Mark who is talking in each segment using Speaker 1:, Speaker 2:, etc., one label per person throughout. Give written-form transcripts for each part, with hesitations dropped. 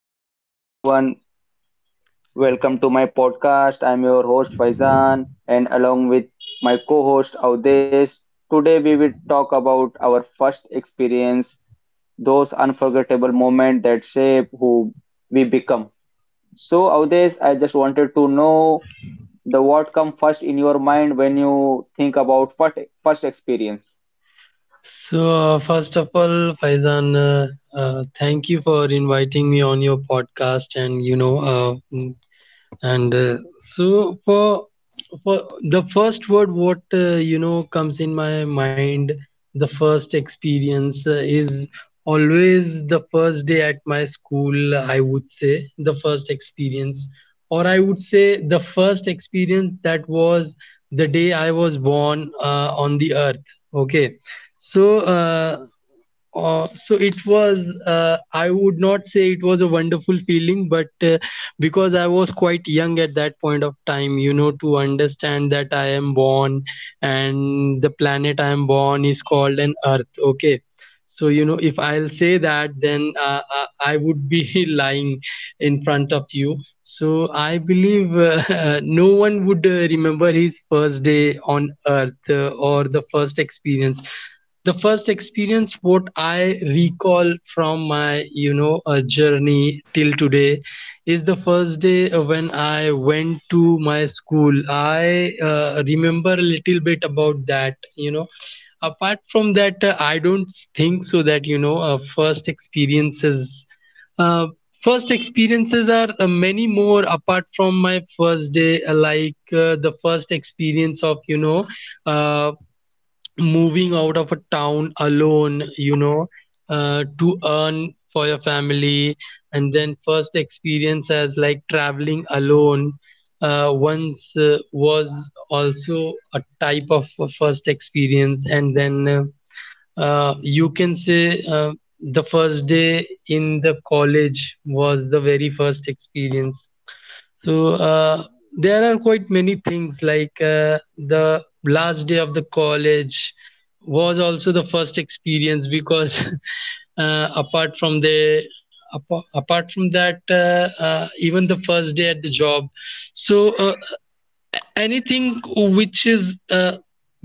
Speaker 1: So, hello everyone, welcome to my podcast. I'm your host Faizan, and along with my co host Avdesh, today we will talk about our first experience, those unforgettable moments that shape who we become. So, Avdesh, I just wanted to know the what come first in your mind when you think about first, first experience.
Speaker 2: So, first of all, Faizan, thank you for inviting me on your podcast. And, you know, mm, and so for the first word what comes in my mind the first experience is always the first day at my school. I would say the first experience, or I would say the first experience that was the day I was born on the earth. Okay, so so it was, I would not say it was a wonderful feeling, but because I was quite young at that point of time, you know, to understand that I am born and the planet I am born is called an Earth. Okay. So, you know, if I'll say that, then I would be lying in front of you. So, I believe no one would remember his first day on Earth, or the first experience. The first experience what I recall from my, journey till today is the first day when I went to my school. I remember a little bit about that, you know. Apart from that, I don't think so that, you know, first experiences. Uh, First experiences are many more apart from my first day, like the first experience of, you know, uh, moving out of a town alone, you know, to earn for your family, and then first experience as like traveling alone once was also a type of a first experience. And then you can say the first day in the college was the very first experience. So there are quite many things, like the last day of the college was also the first experience because uh, apart from the apart from that, even the first day at the job. So anything which is,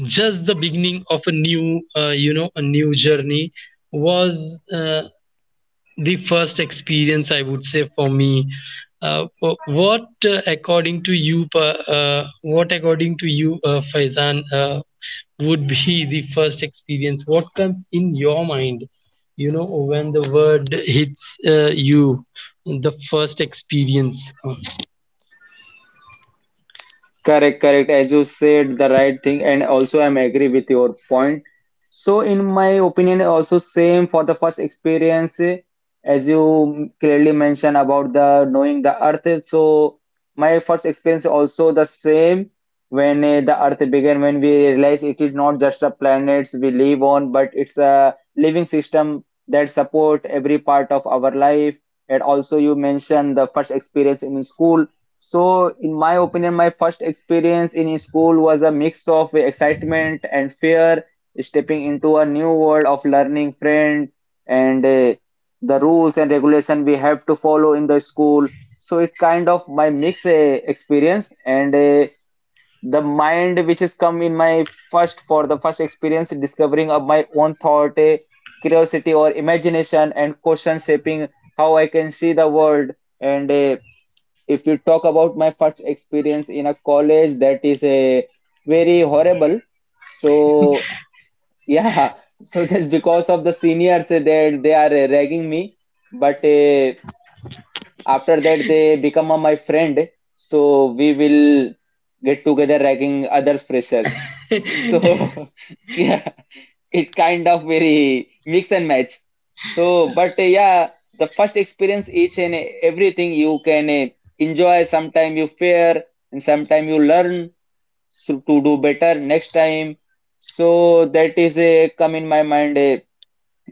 Speaker 2: just the beginning of a new, you know, a new journey was uh, the first experience, I would say, for me. Wh- what according to what according to you, Faizan, would be the first experience what comes in your mind, you know, when the word hits you, the first experience?
Speaker 1: Correct, correct. As you said, the right thing, and also I'm agree with your point. So, in my opinion, also same for the first experience, as you clearly mentioned about the knowing the earth. So, my first experience also the same when the earth began, when we realize it is not just the planets we live on, but it's a living system that support every part of our life. And also, you mentioned the first experience in school, so, in my opinion, my first experience in school was a mix of excitement and fear, stepping into a new world of learning friend and the rules and regulation we have to follow in the school. So it kind of my mix experience and the mind which has come in my first for the first experience discovering of my own thought, curiosity or imagination and question shaping how I can see the world. And if you talk about my first experience in a college, that is a very horrible. So yeah, so just because of the seniors, they are ragging me, but after that they become my friend. So we will get together ragging other freshers. So yeah, it kind of very mix and match. So, but yeah, the first experience each and everything you can enjoy. Sometime you fear, and sometime you learn so to do better next time. So that is a come in my mind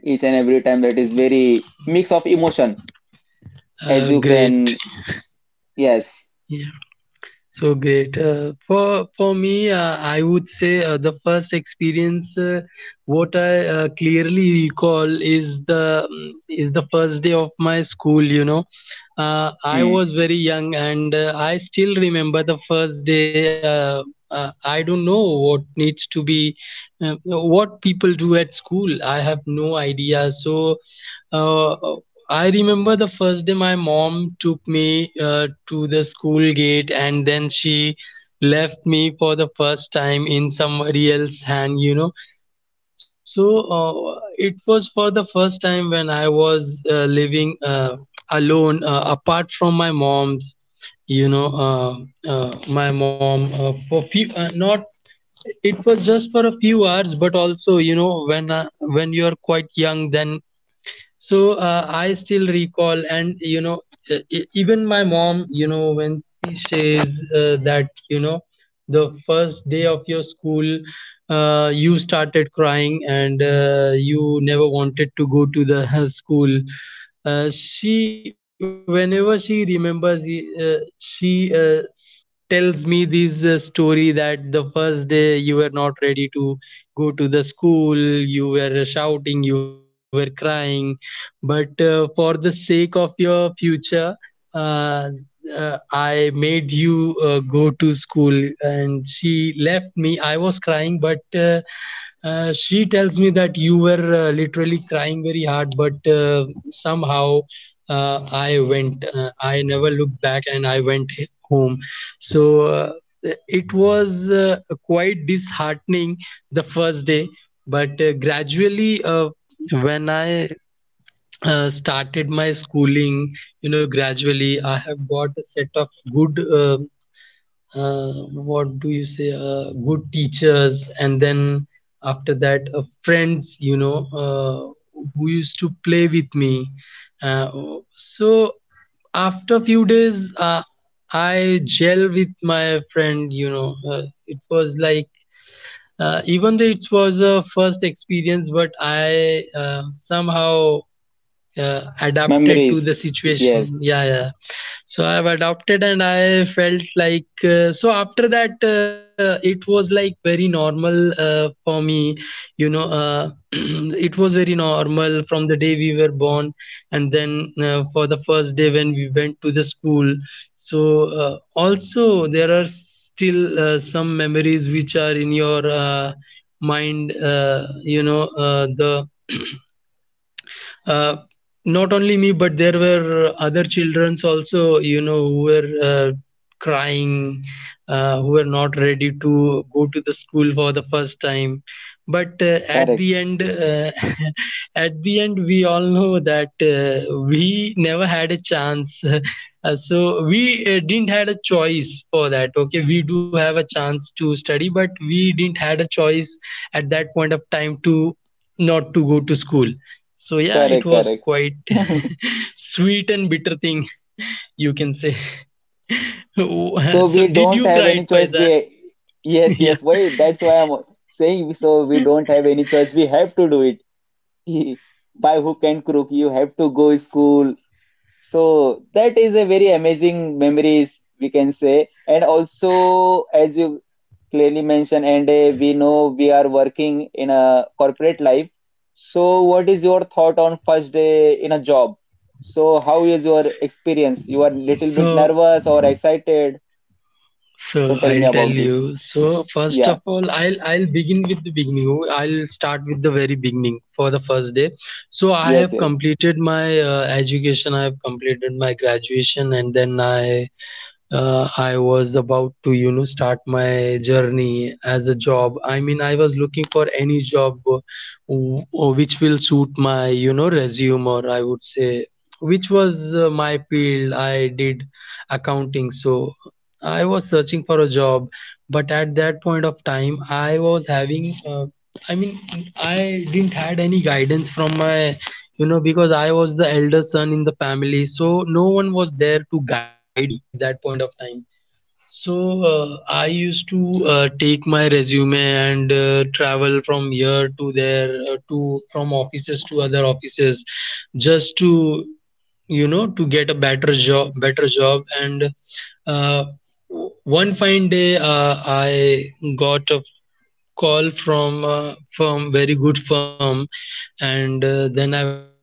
Speaker 1: each and every time. That is very mix of emotion as you
Speaker 2: Great.
Speaker 1: can. Yes,
Speaker 2: Yeah. So great. For me, I would say the first experience, what I clearly recall is is the first day of my school. You know, I
Speaker 1: hmm.
Speaker 2: was very young and I still remember the first day. I don't know what needs to be, what people do at school. I have no idea. So uh, I remember the first day my mom took me to the school gate and then she left me for the first time in somebody else's hand, you know. So it was for the first time when I was living alone, apart from my mom's, you know, my mom for few, not, it was just for a few hours. But also, you know, when you are quite young, then, so I still recall, and, you know, even my mom, you know, when she says that, you know, the first day of your school, you started crying and you never wanted to go to the school. She, whenever she remembers, she tells me this story that the first day you were not ready to go to the school, you were shouting, you were crying, but for the sake of your future, uh, I made you go to school. And she left me. I was crying, but she tells me that you were literally crying very hard, but somehow I went. I never looked back and I went home. So it was quite disheartening the first day, but gradually, when I started my schooling, you know, gradually I have got a set of good, uh, what do you say, good teachers, and then after that friends, you know, who used to play with me. uh, so after a few days, I gel with my friend, you know, it was like, even though it was a first experience, but I, somehow adapted to
Speaker 1: Memories.
Speaker 2: the
Speaker 1: Yes,
Speaker 2: situation. Yeah, yeah, so I have adopted and I felt like, so after that, it was like very normal for me, you know. It was very normal from the day we were born, and then for the first day when we went to the school. So also there are still some memories which are in your mind, you know the uh, not only me, but there were other childrens also, you know, who were crying, who were not ready to go to the school for the first time. But
Speaker 1: correct,
Speaker 2: at the end, at the end, we all know that we never had a chance. So we didn't had a choice for that. Okay, we do have a chance to study, but we didn't had a choice at that point of time to not to go to school. So yeah,
Speaker 1: correct,
Speaker 2: it was
Speaker 1: correct.
Speaker 2: quite sweet and bitter thing, you can say.
Speaker 1: So we
Speaker 2: So
Speaker 1: don't
Speaker 2: did you
Speaker 1: have any
Speaker 2: cry at
Speaker 1: choice.
Speaker 2: Paisan?
Speaker 1: We yes, yes.
Speaker 2: Yeah.
Speaker 1: Why? That's why I'm saying so we don't have any choice. We have to do it by hook and crook. You have to go school. So that is a very amazing memories we can say. And also, as you clearly mentioned, and we know we are working in a corporate life. So what is your thought on first day in a job? So how is your experience? You are little bit
Speaker 2: So
Speaker 1: nervous or excited?
Speaker 2: so
Speaker 1: So tell me
Speaker 2: I'll tell
Speaker 1: about this.
Speaker 2: you. So first of
Speaker 1: Yeah,
Speaker 2: all, I'll begin with the beginning. I'll start with the very beginning for the first day. So I have
Speaker 1: yes, yes.
Speaker 2: completed my education. I have completed my graduation, and then I, I was about to, you know, start my journey as a job. I mean, I was looking for any job, which will suit my, you know, resume, or I would say, which was my field. I did accounting, so I was searching for a job. But at that point of time, I was having, I mean, I didn't had any guidance from my, you know, because I was the elder son in the family, so no one was there to guide me at that point of time. So I used to take my resume and travel from here to there, to, from offices to other offices, just to, you know, to get a better job, better job. And uh, one fine day I got a call from a firm, very good firm, and then I went there.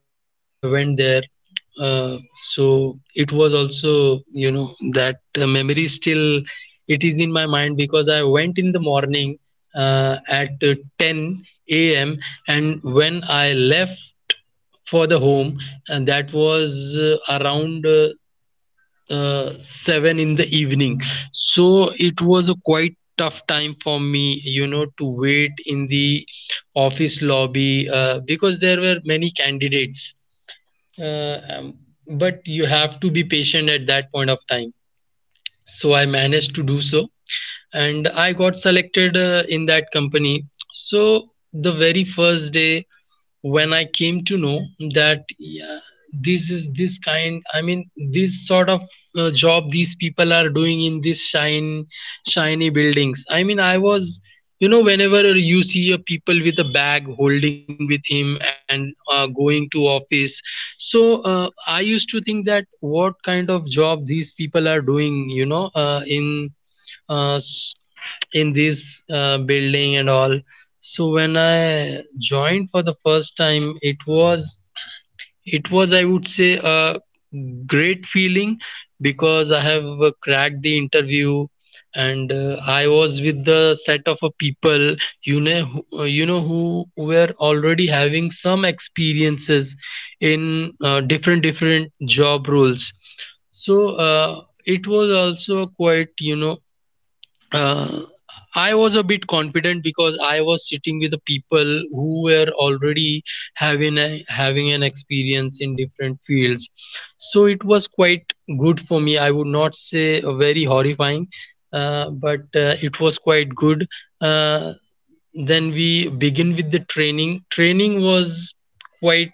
Speaker 2: So it was also, you know, that memory still it is in my mind, because I went in the morning at 10 a.m., and when I left for the home, and that was around 7 in the evening. So it was a quite tough time for me, you know, to wait in the office lobby because there were many candidates, uh, um, but you have to be patient at that point of time. So I managed to do so, and I got selected in that company. So the very first day, when I came to know that, yeah, this is this kind, I mean, this sort of job these people are doing in this shine, shiny buildings. I mean, I was, you know, whenever you see a people with a bag holding with him and going to office, so I used to think that what kind of job these people are doing, you know, in. Uh, s- in this building and all. So when I joined for the first time, it was, it was, I would say, a great feeling, because I have cracked the interview, and I was with the set of a people, you know, you know who were already having some experiences in different different job roles. So uh, it was also quite, you know, uh, I was a bit confident because I was sitting with the people who were already having a, having an experience in different fields. So it was quite good for me. I would not say very horrifying, but it was quite good. Uh, then we begin with the training. Training was quite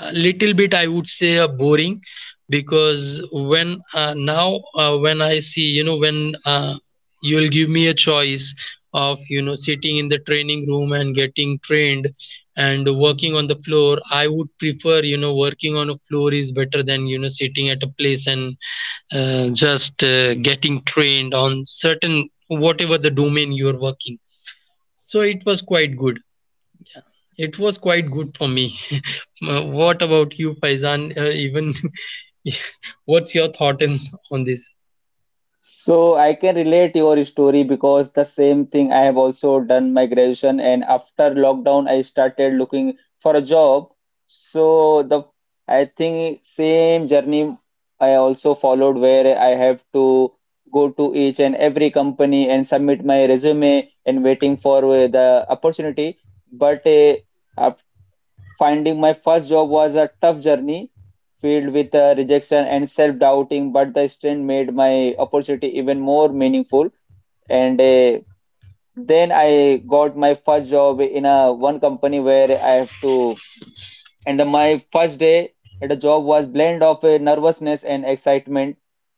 Speaker 2: a little bit, I would say, boring, because when, now when I see, you know, when you'll give me a choice of, you know, sitting in the training room and getting trained and working on the floor, I would prefer, you know, working on a floor is better than, you know, sitting at a place and just getting trained on certain whatever the domain you're working. So it was quite good, it was quite good for me. What about you, Faizan? Even what's your thought on this?
Speaker 1: So I can relate your story because the same thing I have also done my graduation and after lockdown I started looking for a job. So the I think same journey I also followed where I have to go to each and every company and submit my resume and waiting for the opportunity. But uh, finding my first job was a tough journey, filled with rejection and self-doubting, but the strength made my opportunity even more meaningful. And then I got my first job in a one company where I have to. And then my first day at a job was blend of nervousness and excitement,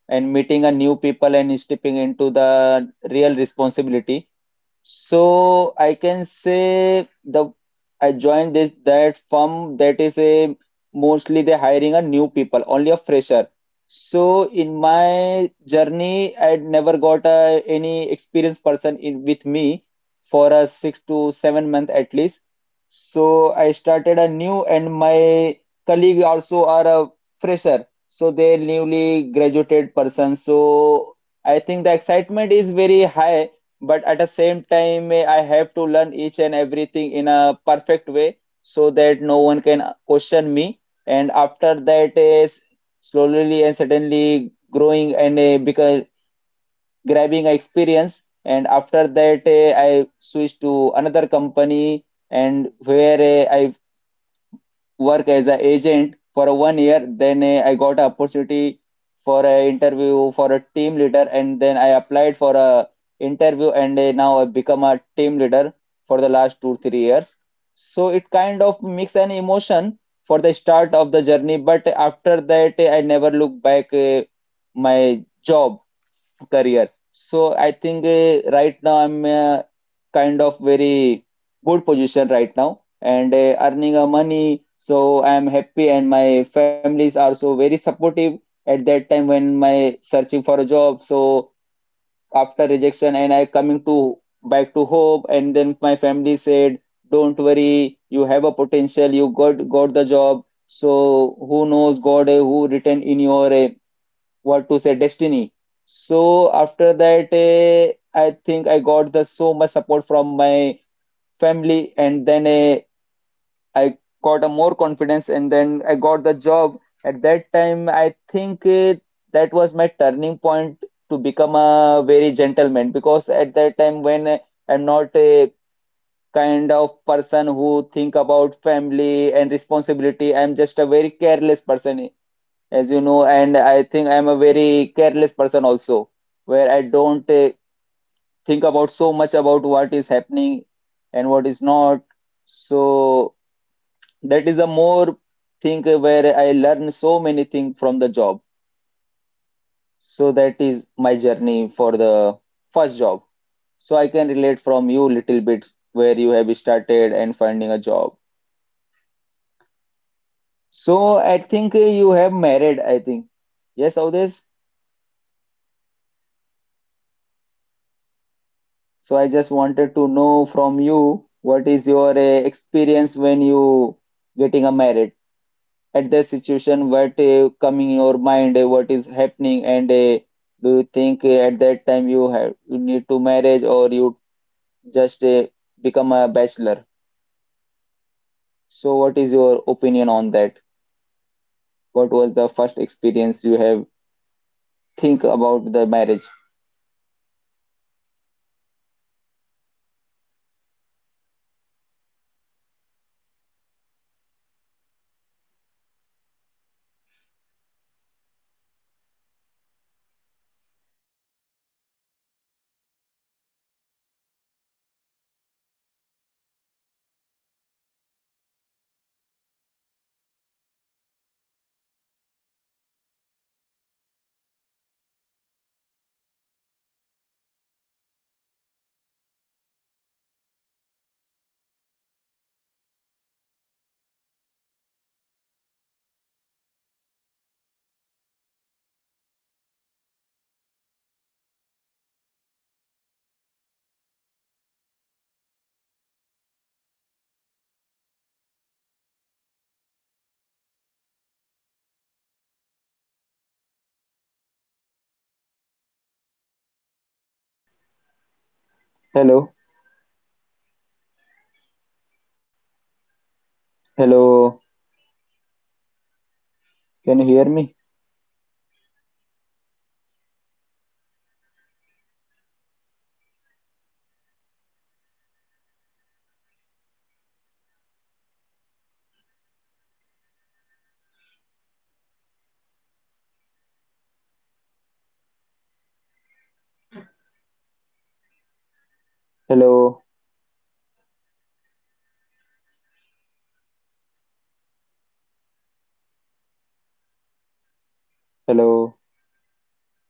Speaker 1: and meeting a new people and stepping into the real responsibility. So I can say the I joined this that firm that is a mostly they hiring a new people, only a fresher. So in my journey, I never got a, any experienced person in with me for a 6 to 7 month at least. So I started a new and my colleague also are a fresher. So they're newly graduated person. So I think the excitement is very high, but at the same time I have to learn each and everything in a perfect way so that no one can question me. And after that is slowly and suddenly growing and because grabbing experience. And after that, I switched to another company, and where I work as an agent for a 1 year. Then I got an opportunity for an interview for a team leader, and then I applied for a interview, and now I become a team leader for the last 2 3 years. So it kind of mix an emotion for the start of the journey, but after that I never look back my job career. So I think right now I'm kind of very good position right now and earning a money. So I'm happy and my families are so very supportive at that time when my searching for a job. So after rejection and I coming to back to home and then my family said, don't worry, you have a potential, you got the job. So who knows, God who written in your what to say destiny. So after that I think I got the so much support from my family, and then I got a more confidence, and then I got the job. At that time I think that was my turning point to become a very gentleman, because at that time when I'm not a kind of person who think about family and responsibility, I'm just a very careless person as you know, and I think I'm a very careless person also, where I don't think about so much about what is happening and what is not. So that is a more thing where I learn so many things from the job. So that is
Speaker 2: Uh,
Speaker 1: my journey for the first job. So I can
Speaker 2: so
Speaker 1: relate
Speaker 2: uh,
Speaker 1: from you little bit where you have
Speaker 2: yeah,
Speaker 1: started and
Speaker 2: so
Speaker 1: finding a job.
Speaker 2: so very uh, correctly you have
Speaker 1: So I
Speaker 2: mentioned.
Speaker 1: think you have
Speaker 2: Yeah.
Speaker 1: married, I think. Yes, Audesh?
Speaker 2: Yes, but why are you jumping directly
Speaker 1: So I
Speaker 2: on
Speaker 1: just
Speaker 2: dot
Speaker 1: wanted to
Speaker 2: on that?
Speaker 1: know from you what is your experience when you getting a married, at the
Speaker 2: So, uh,
Speaker 1: situation what come in your mind, what is happening, and do you think at that time you have you need to marriage, or you just become a bachelor, so
Speaker 2: no.
Speaker 1: what is your
Speaker 2: Uh,
Speaker 1: opinion on
Speaker 2: so
Speaker 1: that?
Speaker 2: for
Speaker 1: What
Speaker 2: me,
Speaker 1: was the first
Speaker 2: uh,
Speaker 1: experience you have think about the marriage?
Speaker 2: obviously, even you are going to have only the first experience. I don't want you to, you know, get a second experience in your marriage. Okay, there would be only one. So for me, I'll tell you, I'll tell you. So after the lockdown, you know, when the whole world was the struggling with the health problems and for I would say you know, inflation and there were I would say less job, a panic situation. Okay, so uh, at that point of time, my I left. You know, I was left. My I left my job at that point of time during the lockdown only. So and I started a business uh, with you know whatever the assets and money I had. So when I
Speaker 1: Hello,
Speaker 2: started my business, yeah. So when I started my business, at that point,
Speaker 1: hello,
Speaker 2: when I started
Speaker 1: can
Speaker 2: my
Speaker 1: you hear me?
Speaker 2: business, at that point, yes, yes, yes, yes, I can. So, uh, are you able to uh, hear me? So when I started, you know, my own business. At that point of time, there was already a lockdown.
Speaker 1: Hello,
Speaker 2: Okay, so uh, uh, so it was good when I
Speaker 1: hello.
Speaker 2: initiated my business.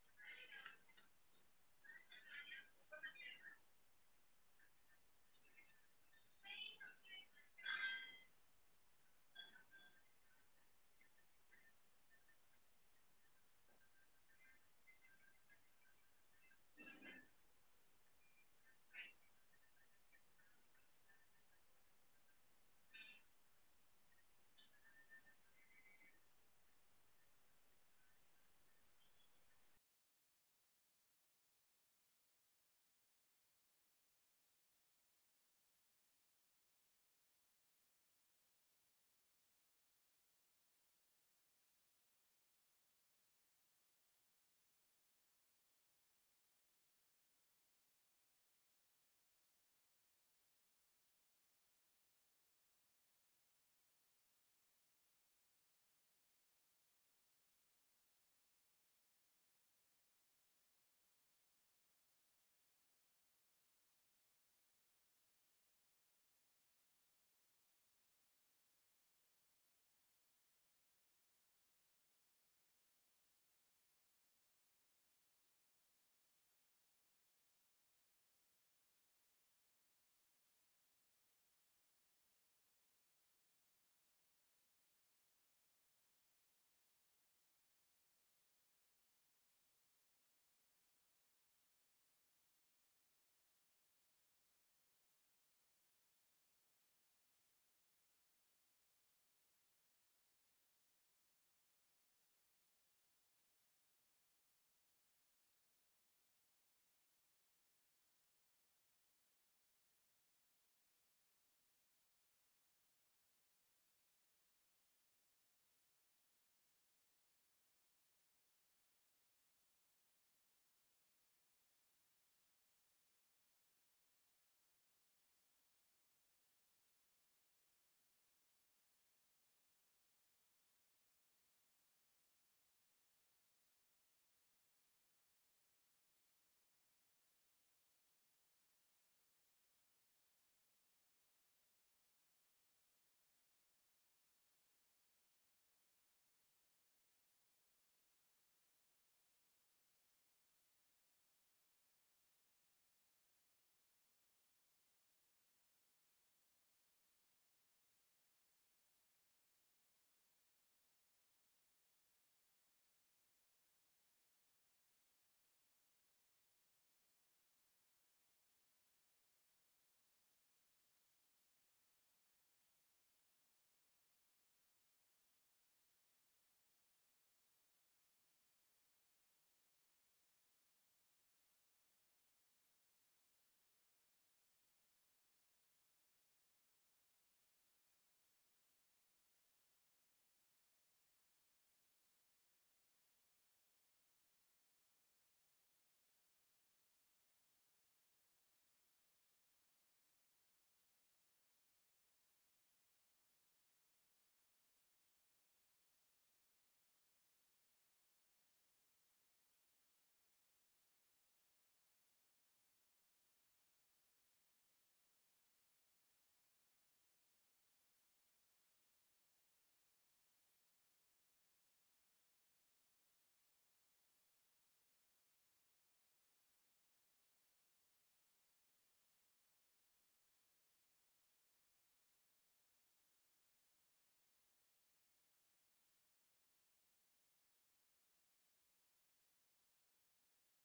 Speaker 2: So it was a good experience when I started my business. But I started the business in January, and then in March there was a lockdown. Okay, so uh, when the lockdown hit, so I was really not sure that how long this is going to sustain. Okay, how long this is going to, uh, uh, you know, sustain, and when will this uh, will end? So uh, at that point of time, I was jobless. I was having a business, but it was not running due to the lockdown. So my father, so he said me, you know, it's a lockdown, lockdown time, and even you are not doing any job. So he always wanted me to get married as early as possible. So even I decided that let's get married, and uh, I met a girl in somebody else's wedding and my father you know he asked my cousin brother to you know just so uh, he actually uh, decided that we should meet uh, and then when I met that girl for the first time, so we decided that we can get married, and then after that also we met for quite a few times, and then we decided to get married to each other. And um, so when I saw her for the first time in December, and then uh, within 4 to 5 months, I've got married to her. So it was a very wonderful experience. You know, after getting married, you feel like you have a responsibility, and yeah, I mean, you feel like I mean, you become a man, you know, you become a man out of a boy, I would say, you know, after getting married. So that's uh, how uh, the first experience of my marriage was. So, anything else apart from this you would uh, uh, like to, you know, hear out from me? So thank you for inviting me to your podcast, Faizan. It was really a wonderful, you know, experience talking to you. It was really nice. Thanks, thanks. Bye.